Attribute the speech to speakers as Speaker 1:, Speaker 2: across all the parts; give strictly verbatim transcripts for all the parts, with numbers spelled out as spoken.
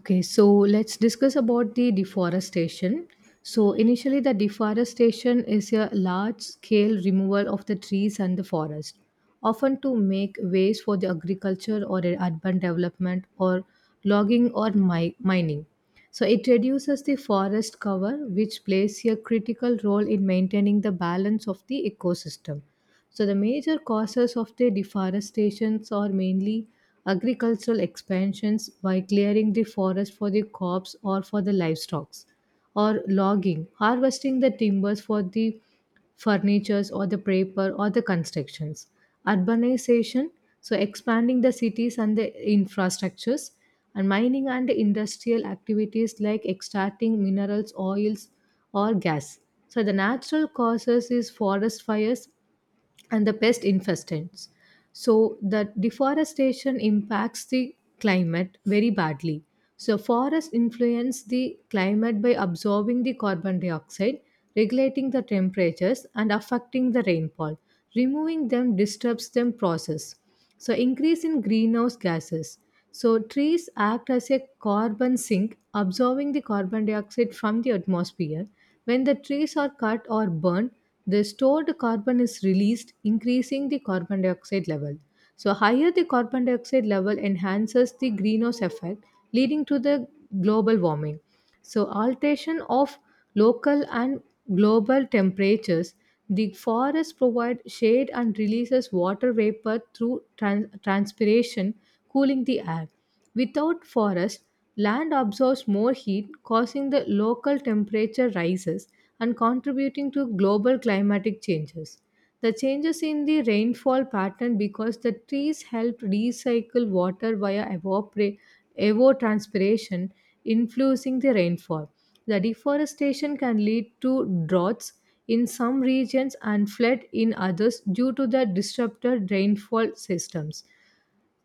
Speaker 1: Okay, so let's discuss about the deforestation. So initially, the deforestation is a large scale removal of the trees and the forest, often to make ways for the agriculture or the urban development or logging or mi- mining. So it reduces the forest cover which plays a critical role in maintaining the balance of the ecosystem. So, the major causes of the deforestations are mainly agricultural expansions by clearing the forest for the crops or for the livestock, or logging, harvesting the timbers for the furnitures or the paper or the constructions. Urbanization, so expanding the cities and the infrastructures, and mining and industrial activities like extracting minerals, oils, or gas. So the natural causes is forest fires, and the pest infestants. So the deforestation impacts the climate very badly. So forests influence the climate by absorbing the carbon dioxide, regulating the temperatures and affecting the rainfall. Removing them disturbs them process. So, increase in greenhouse gases. So trees act as a carbon sink, absorbing the carbon dioxide from the atmosphere. When the trees are cut or burned, the stored carbon is released, increasing the carbon dioxide level. So higher the carbon dioxide level enhances the greenhouse effect, leading to the global warming. So, alteration of local and global temperatures, the forests provide shade and releases water vapor through trans- transpiration, cooling the air. Without forest, land absorbs more heat, causing the local temperature rises and contributing to global climatic changes. The changes in the rainfall pattern because the trees help recycle water via evapora- evapotranspiration, influencing the rainfall. The deforestation can lead to droughts in some regions and flood in others due to the disrupted rainfall systems.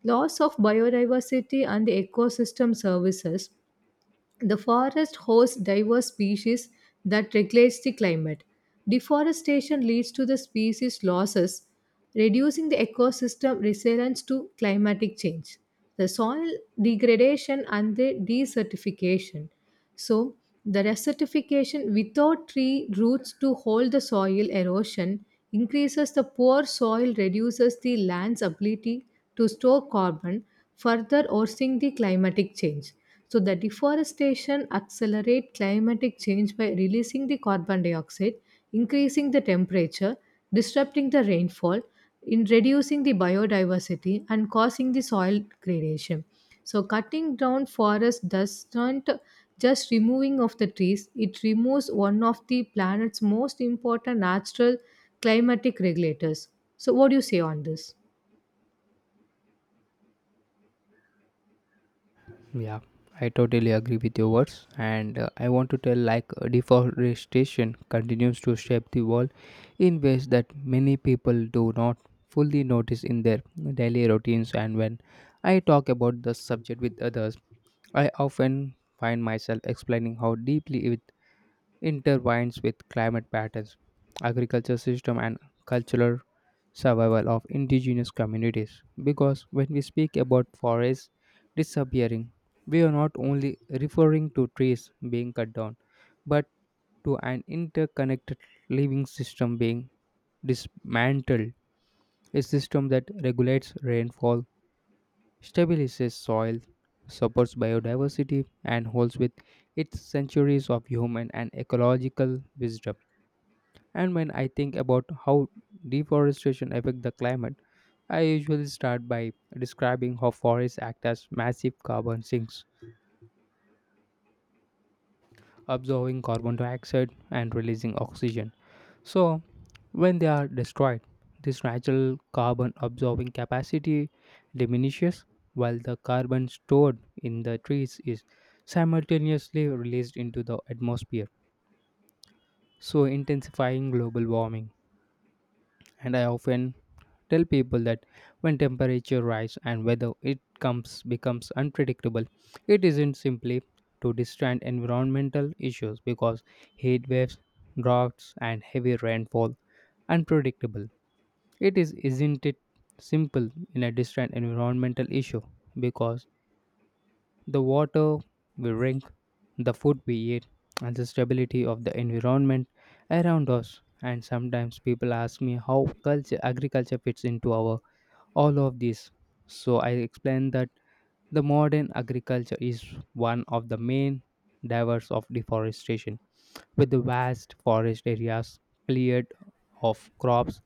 Speaker 1: Loss of biodiversity and the ecosystem services, the forest hosts diverse species that regulates the climate. Deforestation leads to the species losses, reducing the ecosystem resilience to climatic change. The soil degradation and the desertification. So, the desertification without tree roots to hold the soil erosion increases the poor soil, reduces the land's ability to store carbon, further worsening the climatic change. So the deforestation accelerates climatic change by releasing the carbon dioxide, increasing the temperature, disrupting the rainfall, in reducing the biodiversity and causing the soil degradation. So cutting down forest does not just removing of the trees, it removes one of the planet's most important natural climatic regulators. So what do you say on this?
Speaker 2: Yeah, I totally agree with your words, and uh, I want to tell like uh, deforestation continues to shape the world in ways that many people do not fully notice in their daily routines. And when I talk about the subject with others, I often find myself explaining how deeply it intertwines with climate patterns, agriculture system and cultural survival of indigenous communities, because when we speak about forests disappearing, we are not only referring to trees being cut down, but to an interconnected living system being dismantled, a system that regulates rainfall, stabilizes soil, supports biodiversity and holds with its centuries of human and ecological wisdom. And when I think about how deforestation affect the climate, I usually start by describing how forests act as massive carbon sinks, absorbing carbon dioxide and releasing oxygen. So, when they are destroyed, this natural carbon absorbing capacity diminishes while the carbon stored in the trees is simultaneously released into the atmosphere, so intensifying global warming. And I often tell people that when temperature rise and weather it comes becomes unpredictable, it isn't simply to distant environmental issues, because heat waves, droughts and heavy rainfall, unpredictable, it is isn't it simple in a distant environmental issue, because the water we drink, the food we eat, and the stability of the environment around us. And sometimes people ask me how culture, agriculture fits into our all of this. So I explain that the modern agriculture is one of the main drivers of deforestation, with the vast forest areas cleared of crops,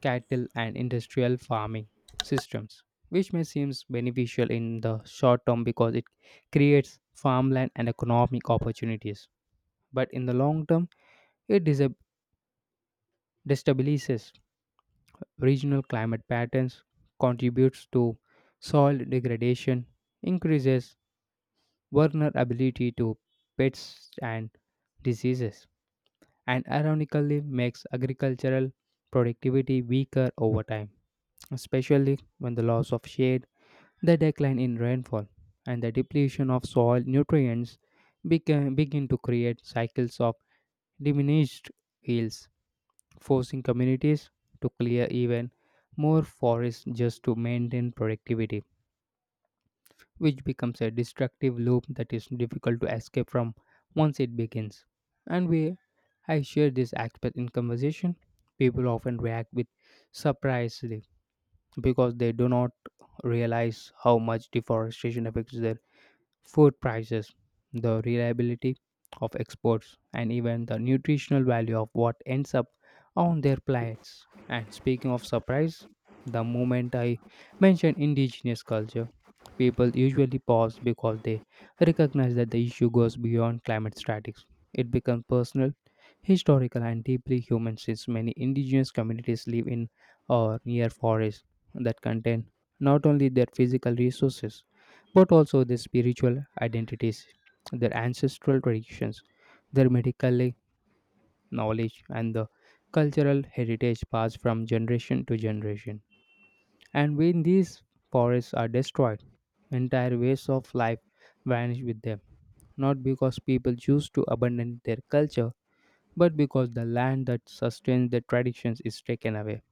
Speaker 2: cattle and industrial farming systems, which may seem beneficial in the short term because it creates farmland and economic opportunities. But in the long term, it disab- destabilizes regional climate patterns, contributes to soil degradation, increases vulnerability to pests and diseases, and ironically makes agricultural productivity weaker over time, especially when the loss of shade, the decline in rainfall and the depletion of soil nutrients beca- begin to create cycles of diminished yields, forcing communities to clear even more forests just to maintain productivity, which becomes a destructive loop that is difficult to escape from once it begins. And we, I share this aspect in conversation. People often react with surprise, because they do not realize how much deforestation affects their food prices, the reliability of exports, and even the nutritional value of what ends up on their plates. And speaking of surprise, the moment I mention indigenous culture, people usually pause because they recognize that the issue goes beyond climate statics. It becomes personal, historical, and deeply human, since many indigenous communities live in or near forests that contain not only their physical resources but also their spiritual identities, their ancestral traditions, their medical knowledge, and the cultural heritage passed from generation to generation. And when these forests are destroyed, entire ways of life vanish with them, not because people choose to abandon their culture, but because the land that sustains their traditions is taken away,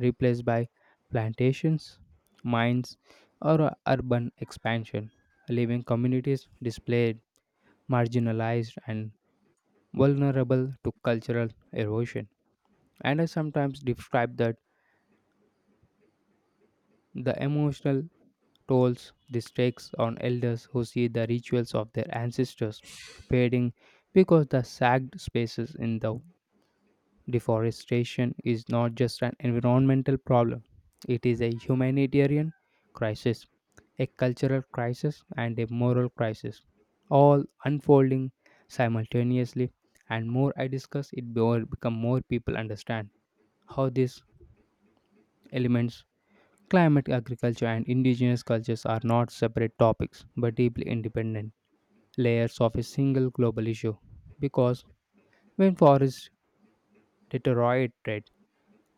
Speaker 2: replaced by plantations, mines, or urban expansion, leaving communities displaced, marginalized, and vulnerable to cultural erosion. And I sometimes describe that the emotional tolls this takes on elders who see the rituals of their ancestors fading because the sagged spaces in the deforestation is not just an environmental problem, it is a humanitarian crisis, a cultural crisis, and a moral crisis, all unfolding simultaneously. And more I discuss it, more become more people understand how these elements, climate, agriculture, and indigenous cultures are not separate topics but deeply independent layers of a single global issue. Because when forests deteriorate,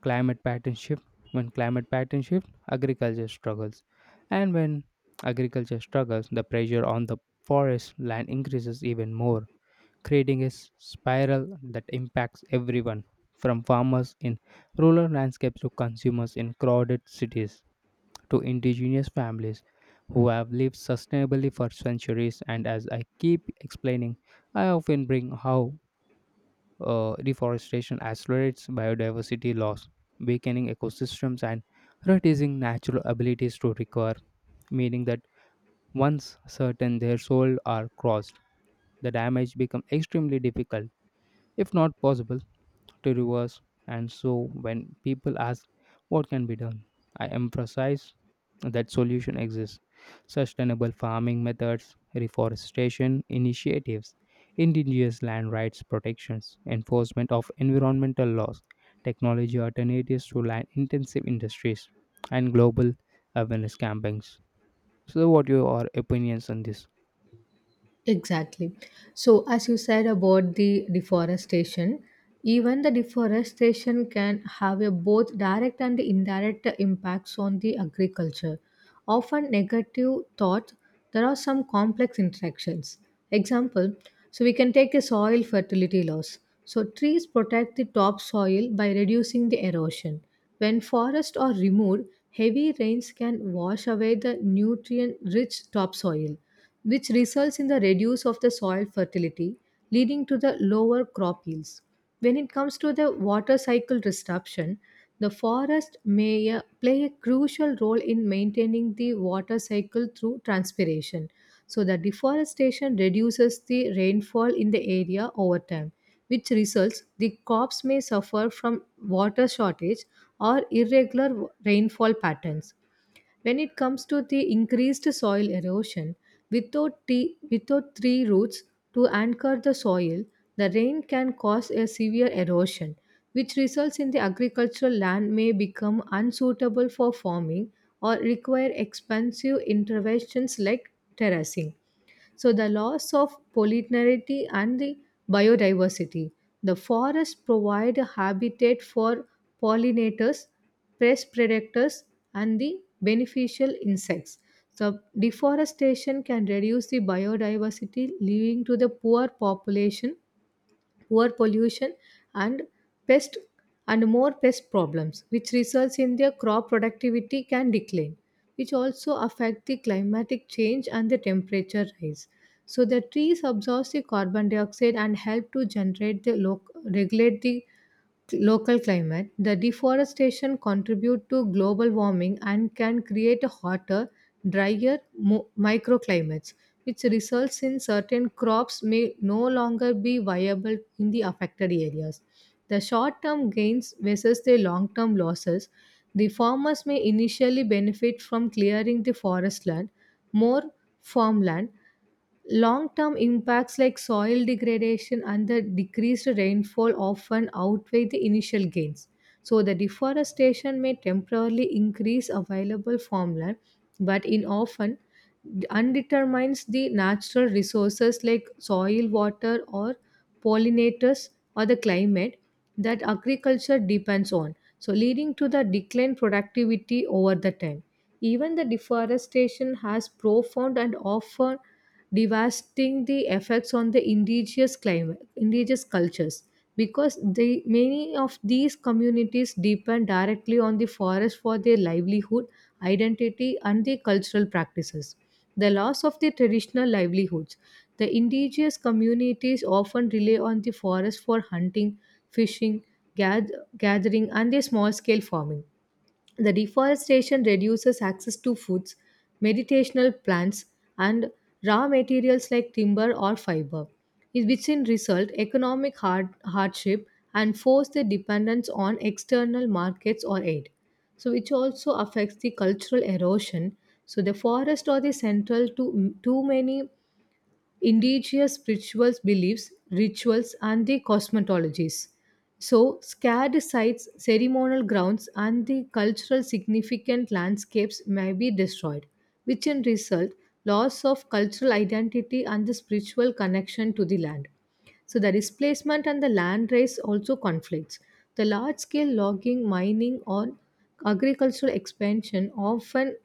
Speaker 2: climate pattern shift, when climate pattern shift, agriculture struggles, and when agriculture struggles, the pressure on the forest land increases even more, creating a s- spiral that impacts everyone, from farmers in rural landscapes to consumers in crowded cities to indigenous families who have lived sustainably for centuries. And as I keep explaining, I often bring how uh, reforestation accelerates biodiversity loss, weakening ecosystems and reducing natural abilities to recover, meaning that once certain thresholds are crossed, the damage becomes extremely difficult, if not possible, to reverse. And so, when people ask what can be done, I emphasize that solution exists. Sustainable farming methods, reforestation initiatives, indigenous land rights protections, enforcement of environmental laws, technology alternatives to land intensive industries, and global awareness campaigns. So, what are your opinions on this?
Speaker 1: Exactly. So, as you said about the deforestation, even the deforestation can have a both direct and indirect impacts on the agriculture. Often negative thought, there are some complex interactions. Example, so we can take a soil fertility loss. So trees protect the topsoil by reducing the erosion. When forests are removed, heavy rains can wash away the nutrient-rich topsoil which results in the reduce of the soil fertility, leading to the lower crop yields. When it comes to the water cycle disruption, the forest may uh, play a crucial role in maintaining the water cycle through transpiration. So, the deforestation reduces the rainfall in the area over time, which results the crops may suffer from water shortage or irregular rainfall patterns. When it comes to the increased soil erosion, without, t- without tree roots to anchor the soil, the rain can cause a severe erosion, which results in the agricultural land may become unsuitable for farming or require expensive interventions like terracing. So, the loss of pollinarity and the biodiversity. The forests provide a habitat for pollinators, pest predators, and the beneficial insects. So, deforestation can reduce the biodiversity, leading to the poor population, air pollution, and pest and more pest problems which results in their crop productivity can decline, which also affect the climatic change and the temperature rise. So the trees absorb the carbon dioxide and help to generate the loc- regulate the local climate. The deforestation contribute to global warming and can create a hotter, drier mo- microclimates, which results in certain crops may no longer be viable in the affected areas. The short-term gains versus the long-term losses, the farmers may initially benefit from clearing the forest land, more farmland. Long term impacts like soil degradation and the decreased rainfall often outweigh the initial gains. So, the deforestation may temporarily increase available farmland, but in often undetermines the natural resources like soil, water, or pollinators or the climate that agriculture depends on. So, leading to the decline productivity over the time. Even the deforestation has profound and often devastating the effects on the indigenous climate, indigenous cultures, because the many of these communities depend directly on the forest for their livelihood, identity, and their cultural practices. The loss of their traditional livelihoods. The indigenous communities often rely on the forest for hunting, fishing, gath- gathering, and their small scale farming. The deforestation reduces access to foods, meditational plants, and raw materials like timber or fiber, in which in result economic hard- hardship and force the dependence on external markets or aid. So, which also affects the cultural erosion. So, the forest are the central to too many indigenous spiritual beliefs, rituals, and the cosmetologies. So, scared sites, ceremonial grounds, and the cultural significant landscapes may be destroyed, which in result, loss of cultural identity and the spiritual connection to the land. So the displacement and the land race also conflicts. The large scale logging, mining, or agricultural expansion often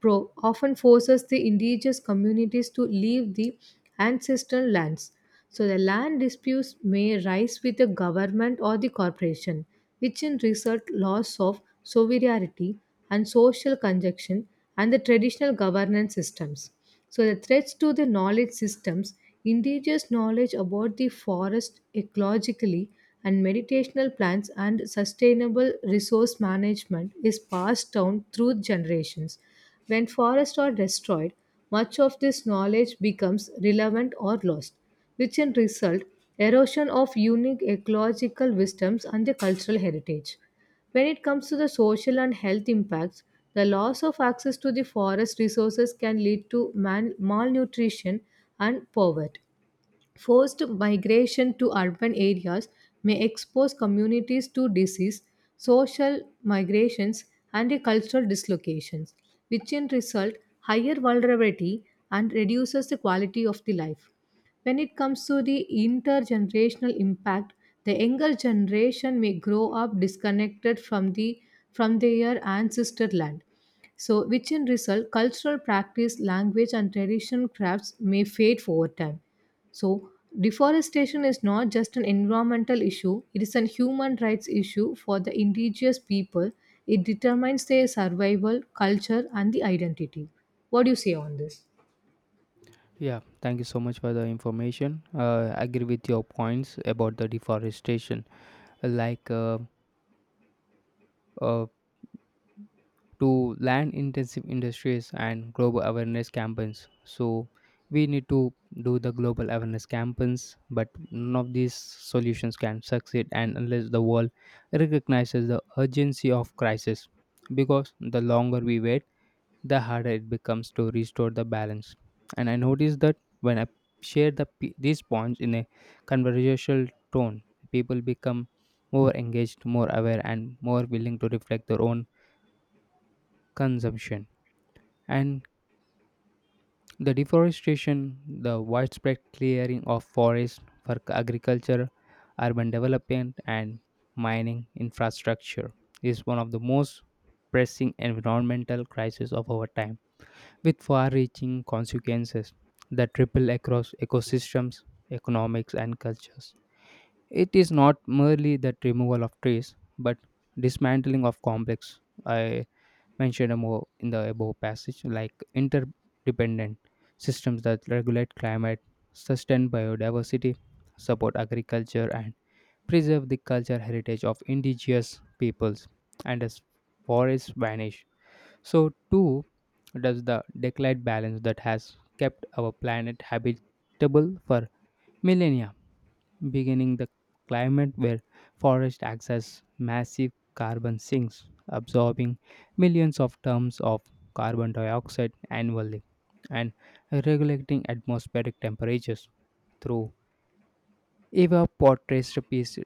Speaker 1: pro- often forces the indigenous communities to leave the ancestral lands. So the land disputes may rise with the government or the corporation, which in result loss of sovereignty and social conjunction and the traditional governance systems. So the threats to the knowledge systems, indigenous knowledge about the forest ecologically and meditational plants and sustainable resource management is passed down through generations. When forests are destroyed, much of this knowledge becomes relevant or lost, which in result erosion of unique ecological wisdoms and the cultural heritage. When it comes to the social and health impacts, the loss of access to the forest resources can lead to man- malnutrition and poverty. Forced migration to urban areas may expose communities to disease, social migrations, and cultural dislocations, which in result higher vulnerability and reduces the quality of the life. When it comes to the intergenerational impact, the younger generation may grow up disconnected from the from their ancestor land. So, which in result, cultural practice, language, and traditional crafts may fade over time. So, deforestation is not just an environmental issue, it is a human rights issue for the indigenous people. It determines their survival, culture, and the identity. What do you say on this?
Speaker 2: Yeah, thank you so much for the information. Uh, I agree with your points about the deforestation, like uh, uh, to land intensive industries and global awareness campaigns. So we need to do the global awareness campaigns, but none of these solutions can succeed and unless the world recognizes the urgency of crisis. Because the longer we wait, the harder it becomes to restore the balance. And I noticed that when I share the, p- these points in a conversational tone, people become more engaged, more aware, and more willing to reflect their own consumption. And the deforestation, the widespread clearing of forests for agriculture, urban development, and mining infrastructure is one of the most pressing environmental crises of our time, with far reaching consequences that ripple across ecosystems, economics, and cultures. It is not merely the removal of trees, but dismantling of complex. I mentioned more in the above passage, like interdependent systems that regulate climate, sustain biodiversity, support agriculture, and preserve the cultural heritage of indigenous peoples. And as forests vanish, so, too, does the decline balance that has kept our planet habitable for millennia, beginning the climate where forest acts as massive carbon sinks, absorbing millions of tons of carbon dioxide annually, and regulating atmospheric temperatures through evapotranspiration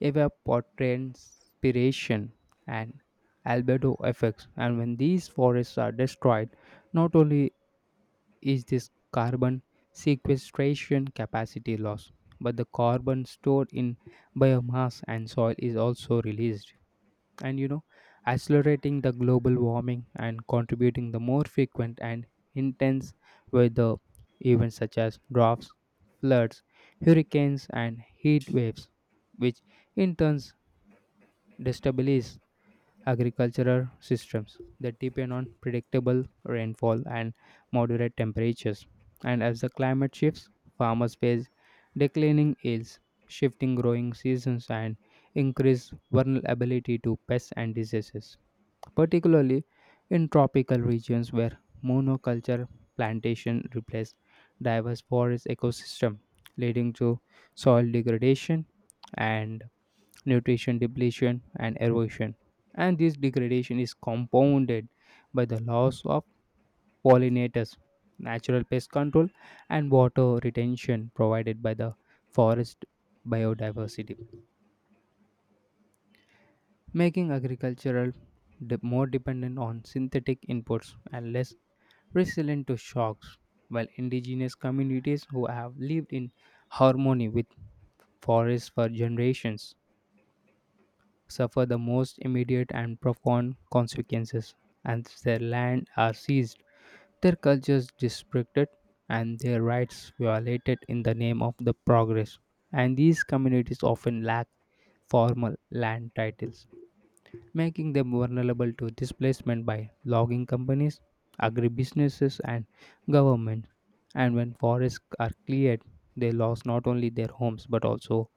Speaker 2: evapotranspiration, and albedo effects. And when these forests are destroyed, not only is this carbon sequestration capacity lost, but the carbon stored in biomass and soil is also released. And you know, accelerating the global warming and contributing the more frequent and intense weather events such as droughts, floods, hurricanes, and heat waves, which in turn destabilize agricultural systems that depend on predictable rainfall and moderate temperatures. And as the climate shifts, farmers face declining yields, shifting growing seasons, and increased vulnerability to pests and diseases, particularly in tropical regions where monoculture plantation replaced diverse forest ecosystem, leading to soil degradation and nutrition depletion, and erosion. And this degradation is compounded by the loss of pollinators, natural pest control, and water retention provided by the forest biodiversity, making agricultural de- more dependent on synthetic inputs and less resilient to shocks. While indigenous communities who have lived in harmony with forests for generations suffer the most immediate and profound consequences, and their land are seized, their cultures disrespected, and their rights violated in the name of the progress. And these communities often lack formal land titles, making them vulnerable to displacement by logging companies, agribusinesses, and government. And when forests are cleared, they lose not only their homes but also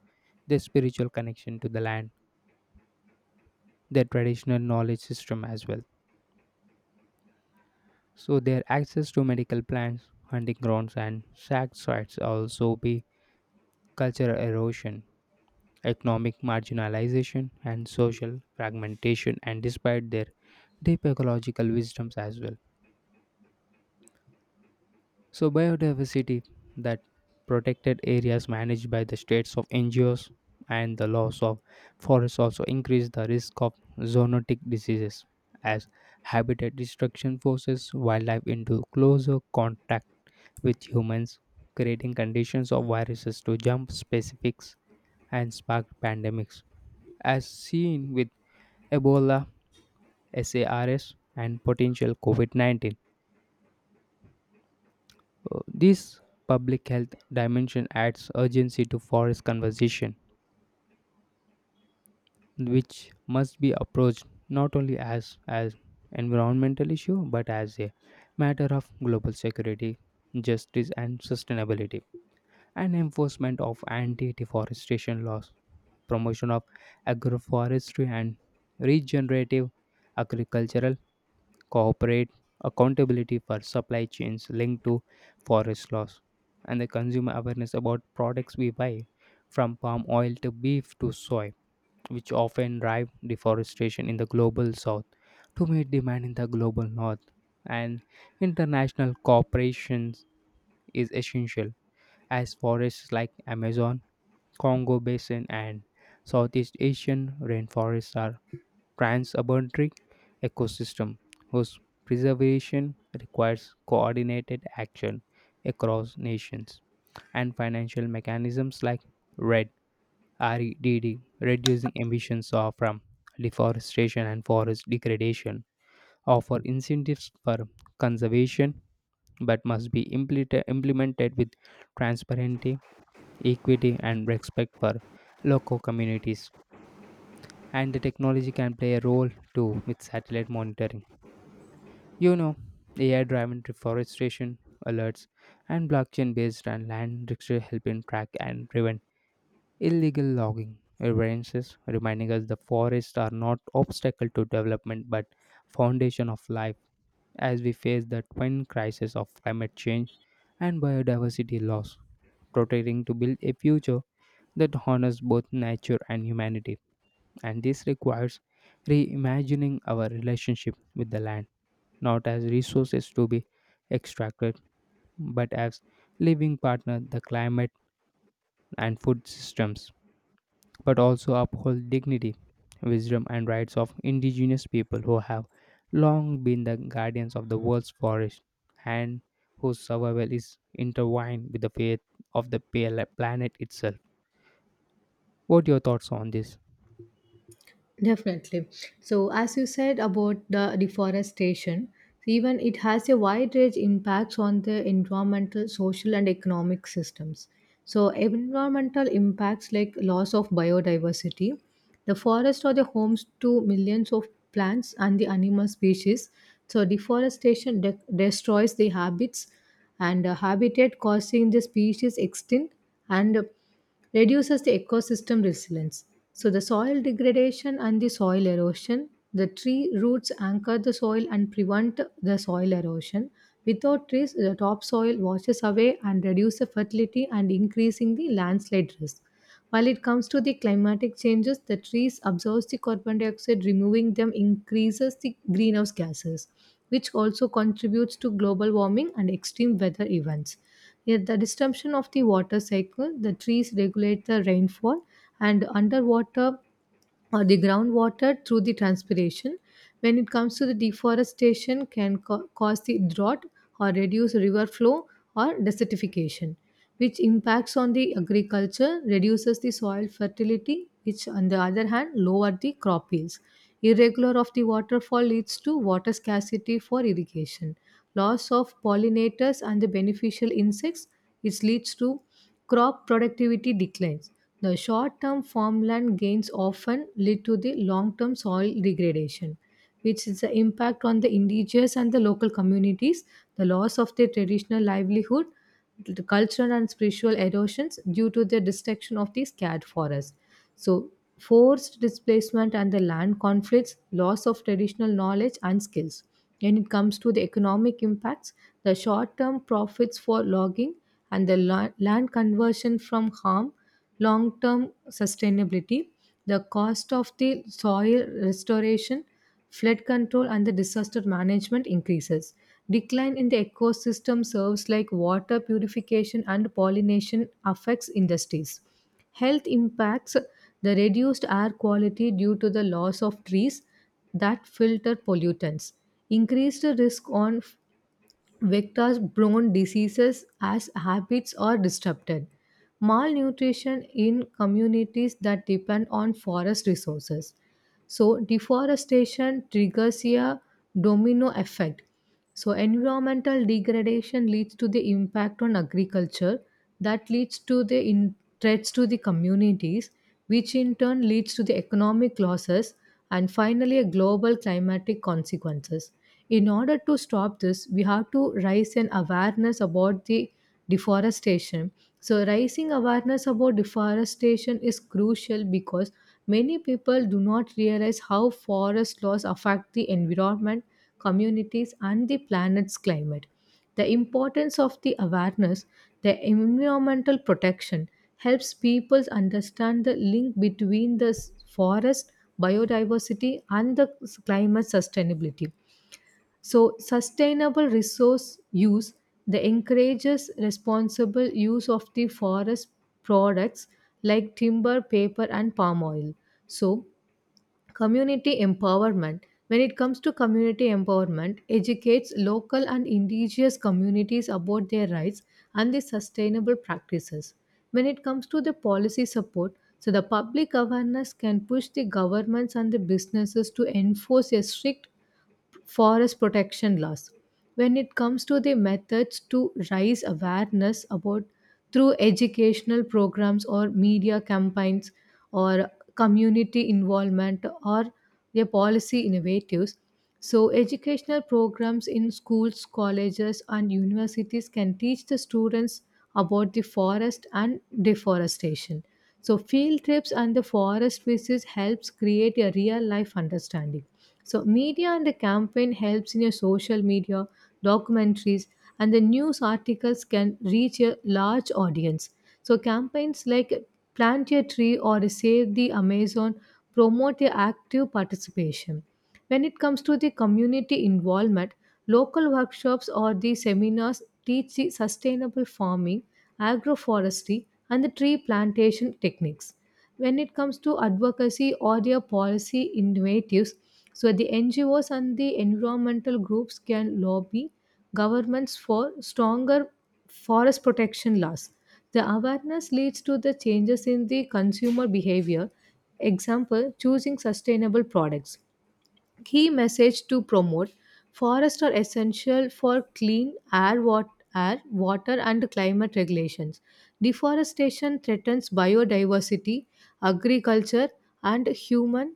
Speaker 2: their spiritual connection to the land, their traditional knowledge system as well. So their access to medical plants, hunting grounds, and sack sites also be cultural erosion, economic marginalization, and social fragmentation. And despite their deep ecological wisdoms as well, so biodiversity that protected areas managed by the states of N G Os and the loss of forests also increase the risk of zoonotic diseases, as habitat destruction forces wildlife into closer contact with humans, creating conditions of viruses to jump specifics and spark pandemics, as seen with Ebola, SARS, and potential COVID nineteen. Uh, This public health dimension adds urgency to forest conversation, which must be approached not only as as environmental issue but as a matter of global security, justice, and sustainability. And enforcement of anti-deforestation laws, promotion of agroforestry and regenerative agricultural, corporate accountability for supply chains linked to forest loss, and the consumer awareness about products we buy, from palm oil to beef to soy, which often drive deforestation in the global south to meet demand in the global north. And international cooperations is essential, as forests like Amazon, Congo Basin and Southeast Asian rainforests are transabundant ecosystem whose preservation requires coordinated action across nations, and financial mechanisms like R E D, R E D D, reducing emissions of- from deforestation and forest degradation, offer incentives for conservation but must be implemented implemented with transparency, equity, and respect for local communities. And the technology can play a role too with satellite monitoring. You know, A I driven deforestation alerts and blockchain based and land registry helping track and prevent illegal logging variances, reminding us the forests are not obstacle to development but foundation of life, as we face the twin crisis of climate change and biodiversity loss, protecting to build a future that honors both nature and humanity. And this requires reimagining our relationship with the land, not as resources to be extracted, but as living partner the climate and food systems, but also uphold dignity, wisdom and rights of indigenous people who have long been the guardians of the world's forest, and whose survival is intertwined with the fate of the pale- planet itself. What are your thoughts on this?
Speaker 1: Definitely. So, as you said about the deforestation, even it has a wide range impacts on the environmental, social, and economic systems. So, environmental impacts like loss of biodiversity, the forests are the homes to millions of plants and the animal species. So, deforestation de- destroys the habits and uh, habitat, causing the species extinct and uh, reduces the ecosystem resilience. So, the soil degradation and the soil erosion, the tree roots anchor the soil and prevent the soil erosion. Without trees, the topsoil washes away and reduces fertility and increasing the landslide risk. While it comes to the climatic changes, the trees absorb the carbon dioxide, removing them increases the greenhouse gases, which also contributes to global warming and extreme weather events. Yet the disruption of the water cycle, the trees regulate the rainfall and underwater or the groundwater through the transpiration. When it comes to the deforestation, can ca- cause the drought or reduce river flow or desertification, which impacts on the agriculture, reduces the soil fertility, which on the other hand lower the crop yields. Irregular of the waterfall leads to water scarcity for irrigation, loss of pollinators and the beneficial insects, which leads to crop productivity declines. The short term farmland gains often lead to the long term soil degradation, which is the impact on the indigenous and the local communities, the loss of their traditional livelihood, the cultural and spiritual erosions due to the destruction of the scarred forests. So, forced displacement and the land conflicts, loss of traditional knowledge and skills. When it comes to the economic impacts, the short term profits for logging and the la- land conversion from harm, long term sustainability, the cost of the soil restoration, flood control, and the disaster management increases. Decline in the ecosystem serves like water purification and pollination affects industries. Health impacts, the reduced air quality due to the loss of trees that filter pollutants, increased risk on vectors borne diseases as habits are disrupted. Malnutrition in communities that depend on forest resources. So, deforestation triggers a domino effect. So, environmental degradation leads to the impact on agriculture, that leads to the in- threats to the communities, which in turn leads to the economic losses and finally a global climatic consequences. In order to stop this, we have to raise an awareness about the deforestation. So, raising awareness about deforestation is crucial because many people do not realize how forest laws affect the environment, communities, and the planet's climate. The importance of the awareness, the environmental protection, helps people understand the link between the s- forest biodiversity and the s- climate sustainability. So, sustainable resource use that encourages responsible use of the forest products like timber, paper, and palm oil. So, community empowerment. When it comes to community empowerment, educates local and indigenous communities about their rights and the sustainable practices. When it comes to the policy support, so the public awareness can push the governments and the businesses to enforce a strict forest protection laws. When it comes to the methods to raise awareness about through educational programs or media campaigns or community involvement or their policy innovatives, so, educational programs in schools, colleges, and universities can teach the students about the forest and deforestation. So, field trips and the forest visits helps create a real life understanding. So media and the campaign helps in your social media, documentaries, and the news articles can reach a large audience. So campaigns like Plant a Tree or Save the Amazon promote your active participation. When it comes to the community involvement, local workshops or the seminars teach the sustainable farming, agroforestry, and the tree plantation techniques. When it comes to advocacy or their policy innovatives, so the N G Os and the environmental groups can lobby governments for stronger forest protection laws. The awareness leads to the changes in the consumer behavior, example, choosing sustainable products, key message to promote forests are essential for clean air wat- air, water and climate regulations. Deforestation threatens biodiversity, agriculture, and human,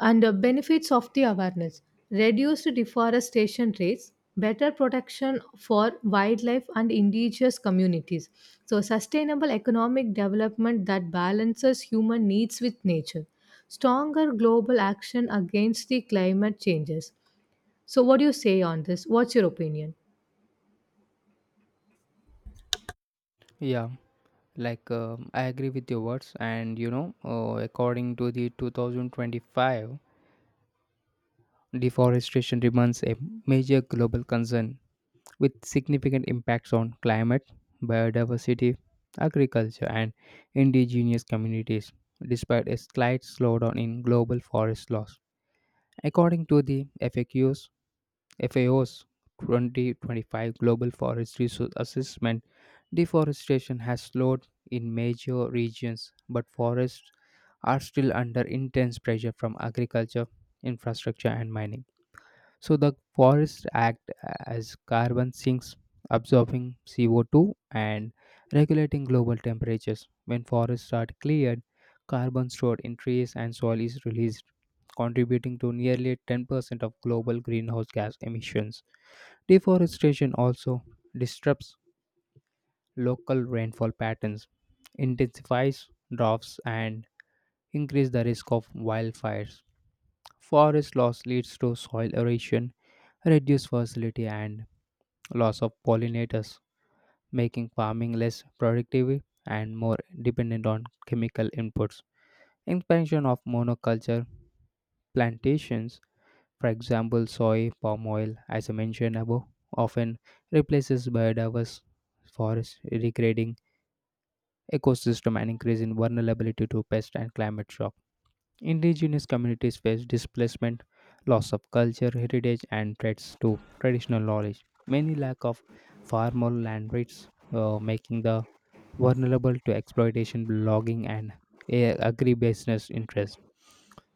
Speaker 1: and the benefits of the awareness reduced deforestation rates, better protection for wildlife and indigenous communities. So sustainable economic development that balances human needs with nature, stronger global action against the climate changes. So what do you say on this? What's your opinion?
Speaker 2: Yeah. like um, i agree with your words, and you know uh, according to the twenty twenty-five, deforestation remains a major global concern with significant impacts on climate, biodiversity, agriculture and indigenous communities. Despite a slight slowdown in global forest loss, according to the faqs F A O's twenty twenty-five Global Forest Resource Assessment, deforestation has slowed in major regions, but forests are still under intense pressure from agriculture, infrastructure, and mining. So, the forests act as carbon sinks, absorbing C O two and regulating global temperatures. When forests are cleared, carbon stored in trees and soil is released, contributing to nearly ten percent of global greenhouse gas emissions. Deforestation also disrupts local rainfall patterns, intensifies droughts, and increases the risk of wildfires. Forest loss leads to soil erosion, reduced fertility, and loss of pollinators, making farming less productive and more dependent on chemical inputs. Expansion of monoculture plantations, for example, soy, palm oil, as I mentioned above, often replaces biodiverse forests, degrading ecosystem and increase in vulnerability to pest and climate shock. Indigenous communities face displacement, loss of culture, heritage, and threats to traditional knowledge. Many lack of formal land rights, uh, making the vulnerable to exploitation, logging, and a- agribusiness interest.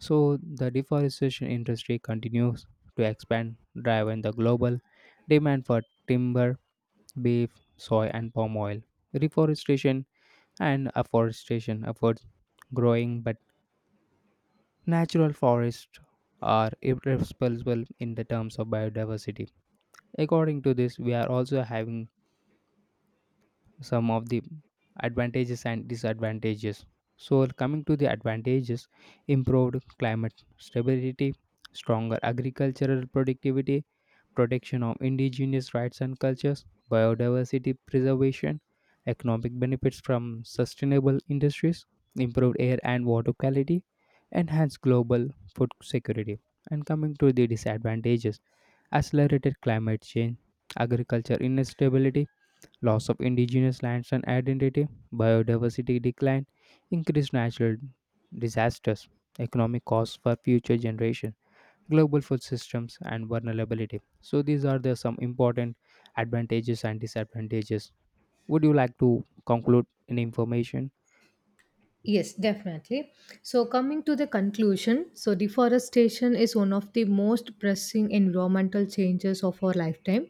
Speaker 2: So the deforestation industry continues to expand, driving the global demand for timber, beef, soy, and palm oil. Reforestation and afforestation efforts growing, but natural forests are irresponsible in the terms of biodiversity. According to this, we are also having some of the advantages and disadvantages. So coming to the advantages: improved climate stability, stronger agricultural productivity, protection of indigenous rights and cultures, biodiversity preservation, economic benefits from sustainable industries, improved air and water quality, enhanced global food security. And coming to the disadvantages: accelerated climate change, agriculture instability, loss of indigenous lands and identity, biodiversity decline, increased natural disasters, economic costs for future generations, global food systems, and vulnerability. So, these are the some important advantages and disadvantages. Would you like to conclude in information?
Speaker 1: Yes, definitely. So, coming to the conclusion, so deforestation is one of the most pressing environmental changes of our lifetime.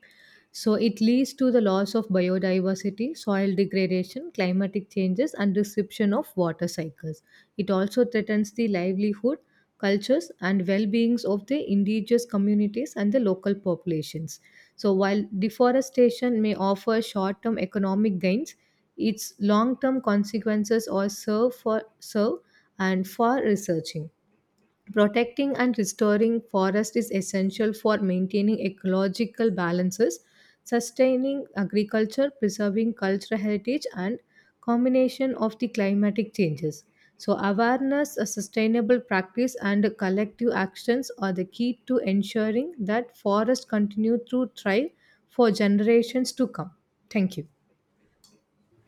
Speaker 1: So, it leads to the loss of biodiversity, soil degradation, climatic changes, and disruption of water cycles. It also threatens the livelihood, cultures, and well beings of the indigenous communities and the local populations. So, while deforestation may offer short term economic gains, its long-term consequences or serve for serve and for researching. Protecting and restoring forest is essential for maintaining ecological balances, sustaining agriculture, preserving cultural heritage, and combination of the climatic changes. So awareness, a sustainable practice, and collective actions are the key to ensuring that forests continue to thrive for generations to come. Thank you.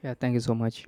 Speaker 2: Yeah, thank you so much.